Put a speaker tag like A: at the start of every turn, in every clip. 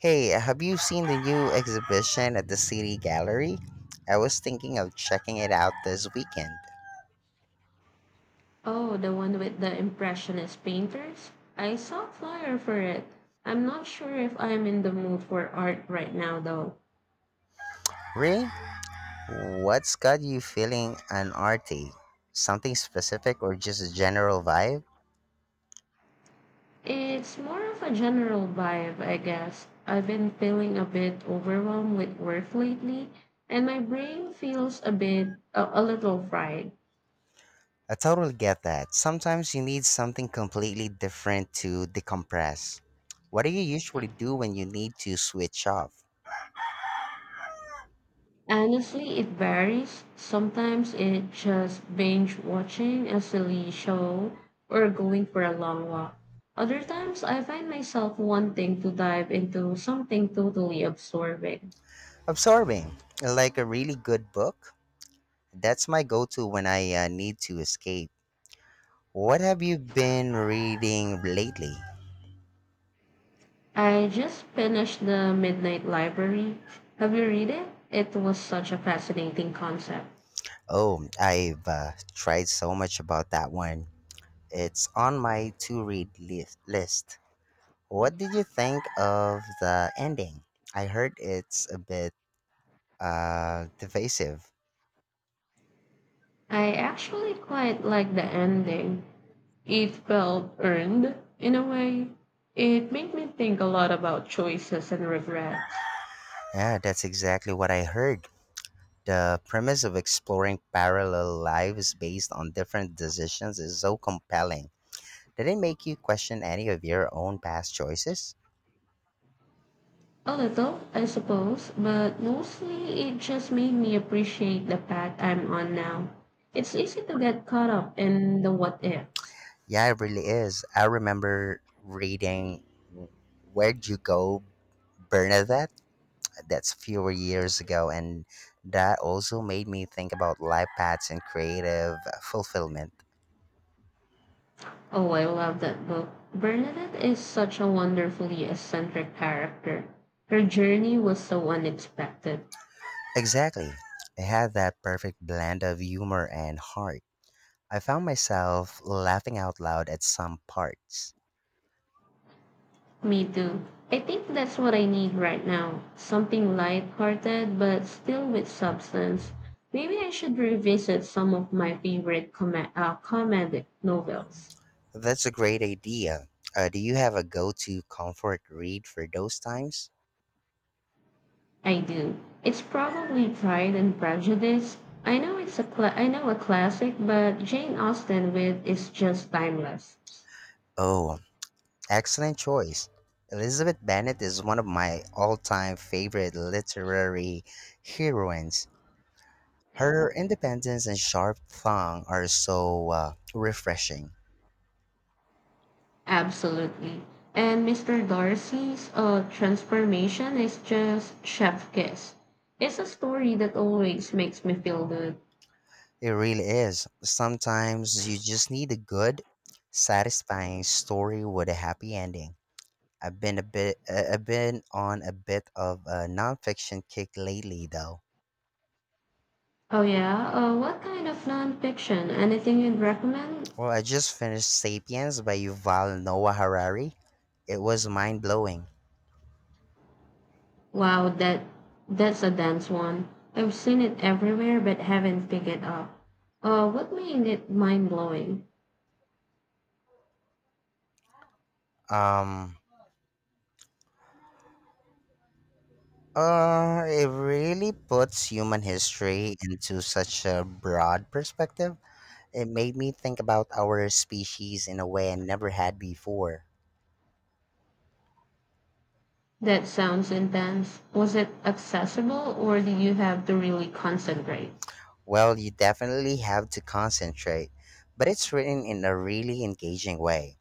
A: Hey, have you seen the new exhibition at the City Gallery? I was thinking of checking it out this weekend.
B: Oh, the one with the Impressionist painters? I saw a flyer for it. I'm not sure if I'm in the mood for art right now, though.
A: Really? What's got you feeling an arty? Something specific or just a general vibe?
B: It's more of a general vibe, I guess. I've been feeling a bit overwhelmed with work lately, and my brain feels a little fried.
A: I totally get that. Sometimes you need something completely different to decompress. What do you usually do when you need to switch off?
B: Honestly, it varies. Sometimes it's just binge watching a silly show or going for a long walk. Other times, I find myself wanting to dive into something totally absorbing.
A: Absorbing, like a really good book. That's my go to when I need to escape. What have you been reading lately?
B: I just finished The Midnight Library. Have you read it? It was such a fascinating concept.
A: Oh, I've tried so much about that one. It's on my to read list. What did you think of the ending? I heard it's a bit divisive.
B: I actually quite like the ending. It felt earned in a way. It made me think a lot about choices and regrets.
A: Yeah, that's exactly what I heard. The premise of exploring parallel lives based on different decisions is so compelling. Did it make you question any of your own past choices?
B: A little, I suppose, but mostly it just made me appreciate the path I'm on now. It's easy to get caught up in the what ifs.
A: Yeah, it really is. I remember reading Where'd You Go, Bernadette? That's a few years ago, and that also made me think about life paths and creative fulfillment.
B: Oh, I love that book. Bernadette is such a wonderfully eccentric character. Her journey was so unexpected.
A: Exactly. It had that perfect blend of humor and heart. I found myself laughing out loud at some parts.
B: Me too. I think that's what I need right now. Something light-hearted but still with substance. Maybe I should revisit some of my favorite comedic novels.
A: That's a great idea. Do you have a go to comfort read for those times?
B: I do. It's probably Pride and Prejudice. I know a classic, but Jane Austen with is just timeless.
A: Oh, excellent choice. Elizabeth Bennet is one of my all-time favorite literary heroines. Her independence and sharp tongue are so refreshing.
B: Absolutely. And Mr. Darcy's transformation is just chef kiss. It's a story that always makes me feel good.
A: It really is. Sometimes you just need a good, satisfying story with a happy ending. I've been a bit I've been on a bit of a nonfiction kick lately though.
B: Oh yeah. What kind of nonfiction? Anything you'd recommend?
A: Well, I just finished Sapiens by Yuval Noah Harari. It was mind-blowing.
B: Wow, that's a dense one. I've seen it everywhere but haven't picked it up. What made it mind blowing?
A: Um it really puts human history into such a broad perspective. It made me think about our species in a way I never had before.
B: That sounds intense. Was it accessible or do you have to really concentrate?
A: Well, you definitely have to concentrate, but it's written in a really engaging way.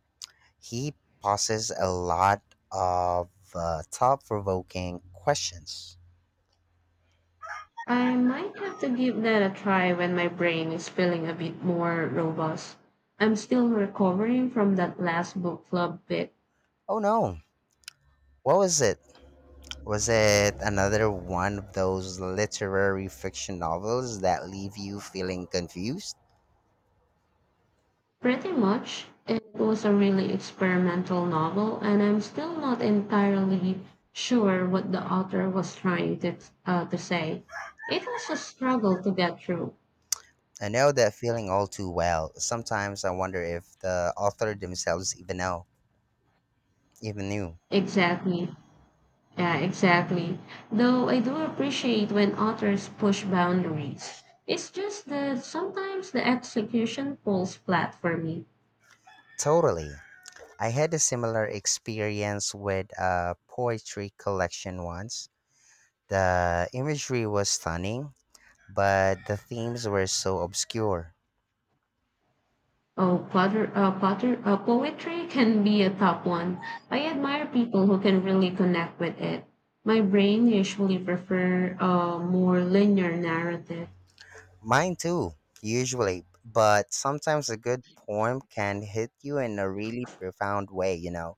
A: He poses a lot of thought provoking questions.
B: I might have to give that a try when my brain is feeling a bit more robust. I'm still recovering from that last book club bit.
A: Oh no, what was it? Was it another one of those literary fiction novels that leave you feeling confused?
B: Pretty much. It was a really experimental novel, and I'm still not entirely sure what the author was trying to say. It was a struggle to get through.
A: I know that feeling all too well. Sometimes I wonder if the author themselves even know, even knew.
B: Exactly. Yeah, exactly. Though I do appreciate when authors push boundaries. It's just that sometimes the execution falls flat for me.
A: Totally. I had a similar experience with a poetry collection once. The imagery was stunning, but the themes were so obscure.
B: Oh, poetry can be a top one. I admire people who can really connect with it. My brain usually prefer a more linear narrative.
A: Mine too, usually, but sometimes a good poem can hit you in a really profound way, you know.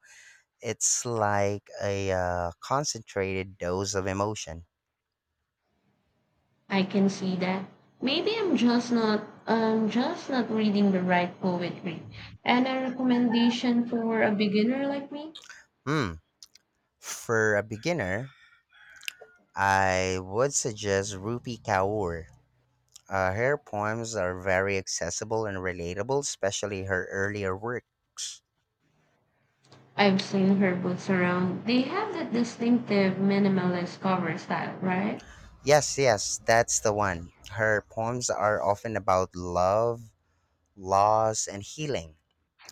A: It's like a concentrated dose of emotion.
B: I can see that. Maybe I'm just not reading the right poetry. And a recommendation for a beginner like me?
A: Hmm. For a beginner, I would suggest Rupi Kaur. Her poems are very accessible and relatable, especially her earlier works.
B: I've seen her books around. They have that distinctive minimalist cover style, right?
A: Yes, yes, that's the one. Her poems are often about love, loss, and healing,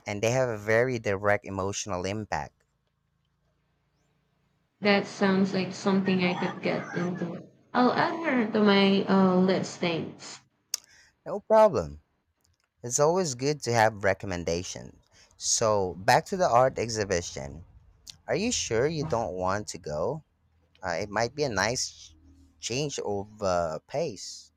A: and they have a very direct emotional impact.
B: That sounds like something I could get into. I'll add her to my list, thanks.
A: No problem. It's always good to have recommendations. So, back to the art exhibition. Are you sure you don't want to go? It might be a nice change of pace.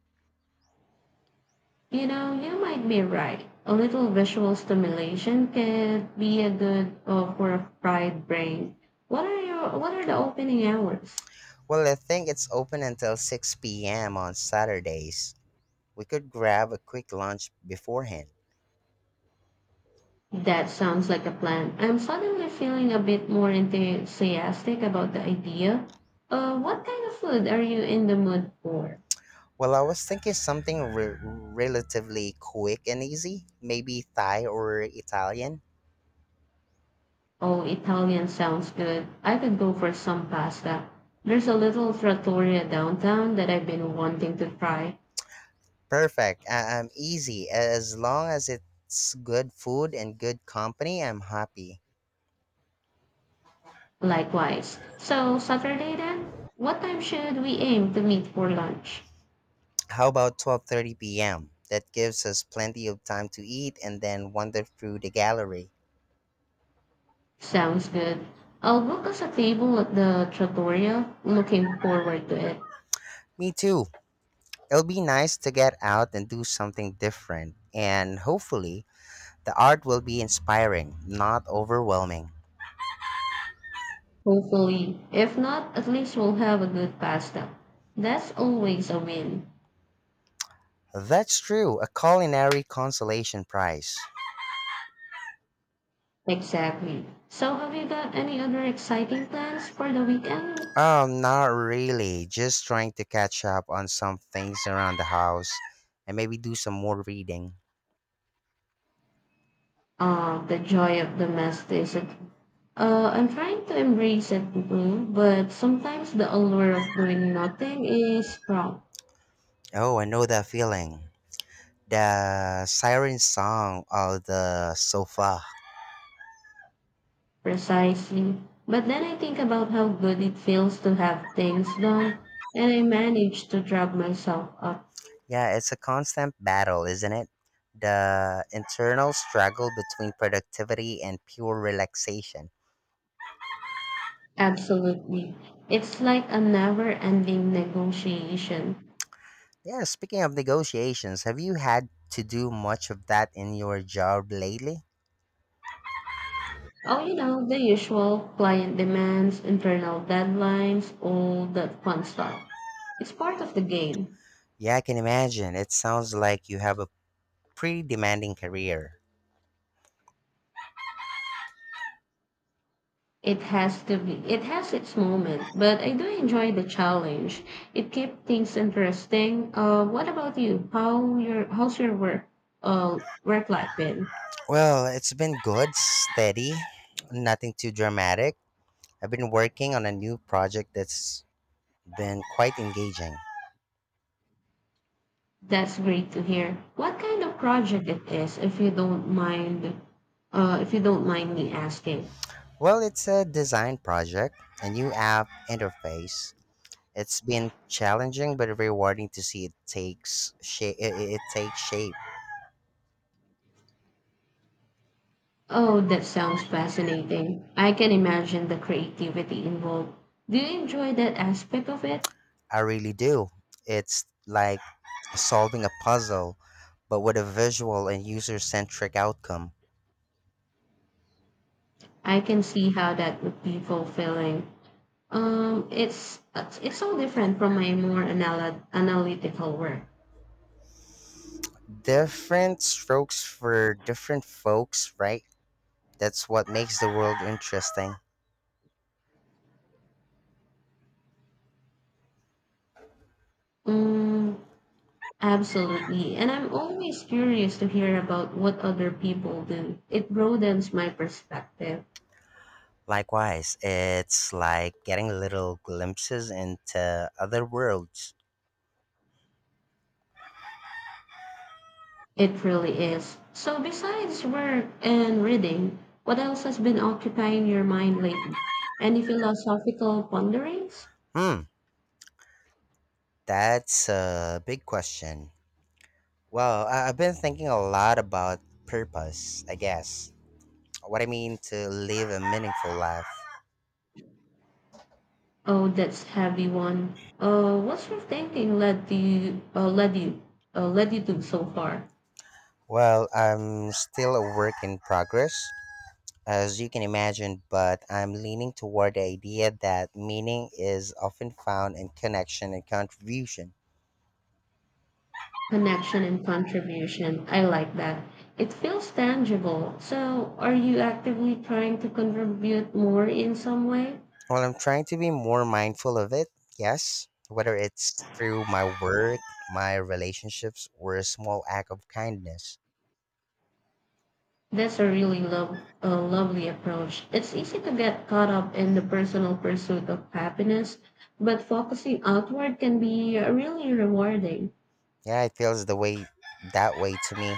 B: You know, you might be right. A little visual stimulation could be a good for a fried brain. What are the opening hours?
A: Well, I think it's open until 6 p.m. on Saturdays. We could grab a quick lunch beforehand.
B: That sounds like a plan. I'm suddenly feeling a bit more enthusiastic about the idea. What kind of food are you in the mood for?
A: Well, I was thinking something relatively quick and easy, maybe Thai or Italian.
B: Oh, Italian sounds good. I could go for some pasta. There's a little trattoria downtown that I've been wanting to try.
A: Perfect. I'm easy. As long as it's good food and good company, I'm happy.
B: Likewise. So, Saturday then? What time should we aim to meet for lunch?
A: How about 12:30 p.m.? That gives us plenty of time to eat and then wander through the gallery.
B: Sounds good. I'll book us a table at the trattoria. Looking forward to it.
A: Me too. It'll be nice to get out and do something different, and hopefully, the art will be inspiring, not overwhelming.
B: Hopefully. If not, at least we'll have a good pasta. That's always a win.
A: That's true, a culinary consolation prize.
B: Exactly. So, have you got any other exciting plans for the weekend?
A: Not really, just trying to catch up on some things around the house and maybe do some more reading.
B: The joy of domesticity. I'm trying to embrace it too, but sometimes the allure of doing nothing is strong,
A: Oh, I know that feeling. The siren song of the sofa.
B: precisely. But then I think about how good it feels to have things done, and I manage to drag myself up.
A: Yeah, it's a constant battle, isn't it? The internal struggle between productivity and pure relaxation.
B: Absolutely. It's like a never ending negotiation.
A: Yeah, speaking of negotiations, have you had to do much of that in your job lately?
B: Oh, you know, the usual client demands, internal deadlines, all that fun stuff. It's part of the game.
A: Yeah, I can imagine. It sounds like you have a pretty demanding career.
B: It has to be. It has its moment, but I do enjoy the challenge. It keeps things interesting. What about you? How's your work work life been?
A: Well, it's been good, steady, nothing too dramatic. I've been working on a new project that's been quite engaging.
B: That's great to hear. What kind of project it is, if you don't mind me asking.
A: Well, it's a design project, a new app interface. It's been challenging but rewarding to see it takes shape. It takes shape.
B: Oh, that sounds fascinating. I can imagine the creativity involved. Do you enjoy that aspect of it?
A: I really do. It's like solving a puzzle, but with a visual and user-centric outcome.
B: I can see how that would be fulfilling. It's so different from my more analytical work.
A: Different strokes for different folks, right? That's what makes the world interesting.
B: Mm, absolutely, and I'm always curious to hear about what other people do. It broadens my perspective.
A: Likewise, it's like getting little glimpses into other worlds.
B: It really is. So, besides work and reading, what else has been occupying your mind lately? Any philosophical ponderings?
A: Hmm, that's a big question. Well, I've been thinking a lot about purpose, I guess. What I mean to live a meaningful life.
B: Oh, that's heavy one. What's your thinking led to you, led you led you to so far?
A: Well, I'm still a work in progress, as you can imagine, but I'm leaning toward the idea that meaning is often found in connection and contribution.
B: Connection and contribution. I like that. It feels tangible. So, are you actively trying to contribute more in some way?
A: Well, I'm trying to be more mindful of it, yes, whether it's through my work, my relationships, or a small act of kindness.
B: That's a lovely approach. It's easy to get caught up in the personal pursuit of happiness, but focusing outward can be really rewarding.
A: Yeah, it feels the way that way to me.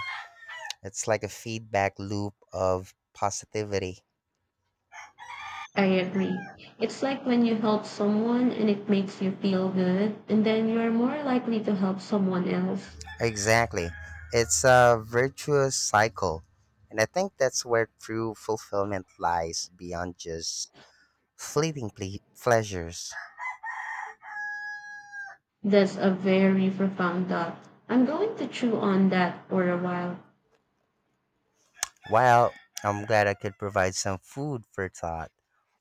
A: It's like a feedback loop of positivity.
B: I agree. It's like when you help someone and it makes you feel good, and then you're more likely to help someone else.
A: Exactly. It's a virtuous cycle. And I think that's where true fulfillment lies beyond just fleeting pleasures.
B: That's a very profound thought. I'm going to chew on that for a while.
A: Well, I'm glad I could provide some food for thought,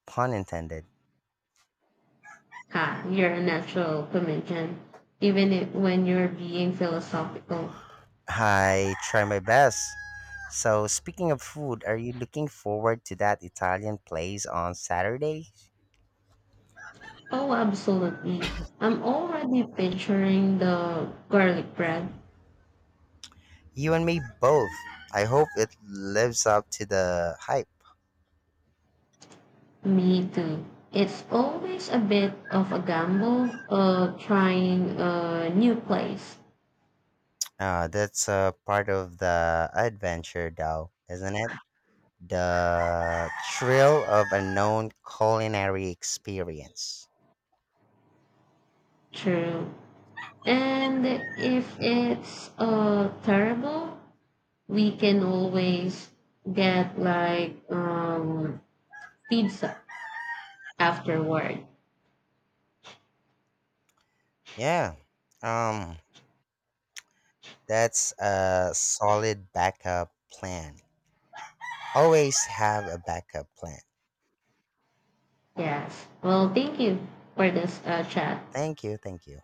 A: pun intended.
B: Ha, you're a natural comedian, even if, when you're being philosophical.
A: I try my best. So, speaking of food, are you looking forward to that Italian place on Saturday?
B: Oh, absolutely. I'm already picturing the garlic bread.
A: You and me both. I hope it lives up to the hype.
B: Me too. It's always a bit of a gamble of trying a new place.
A: That's part of the adventure, though, isn't it? The thrill of a known culinary experience.
B: True. And if it's terrible, we can always get pizza afterward.
A: Yeah, um, that's a solid backup plan. Always have a backup plan.
B: Yes. Well, thank you for this chat.
A: Thank you, thank you.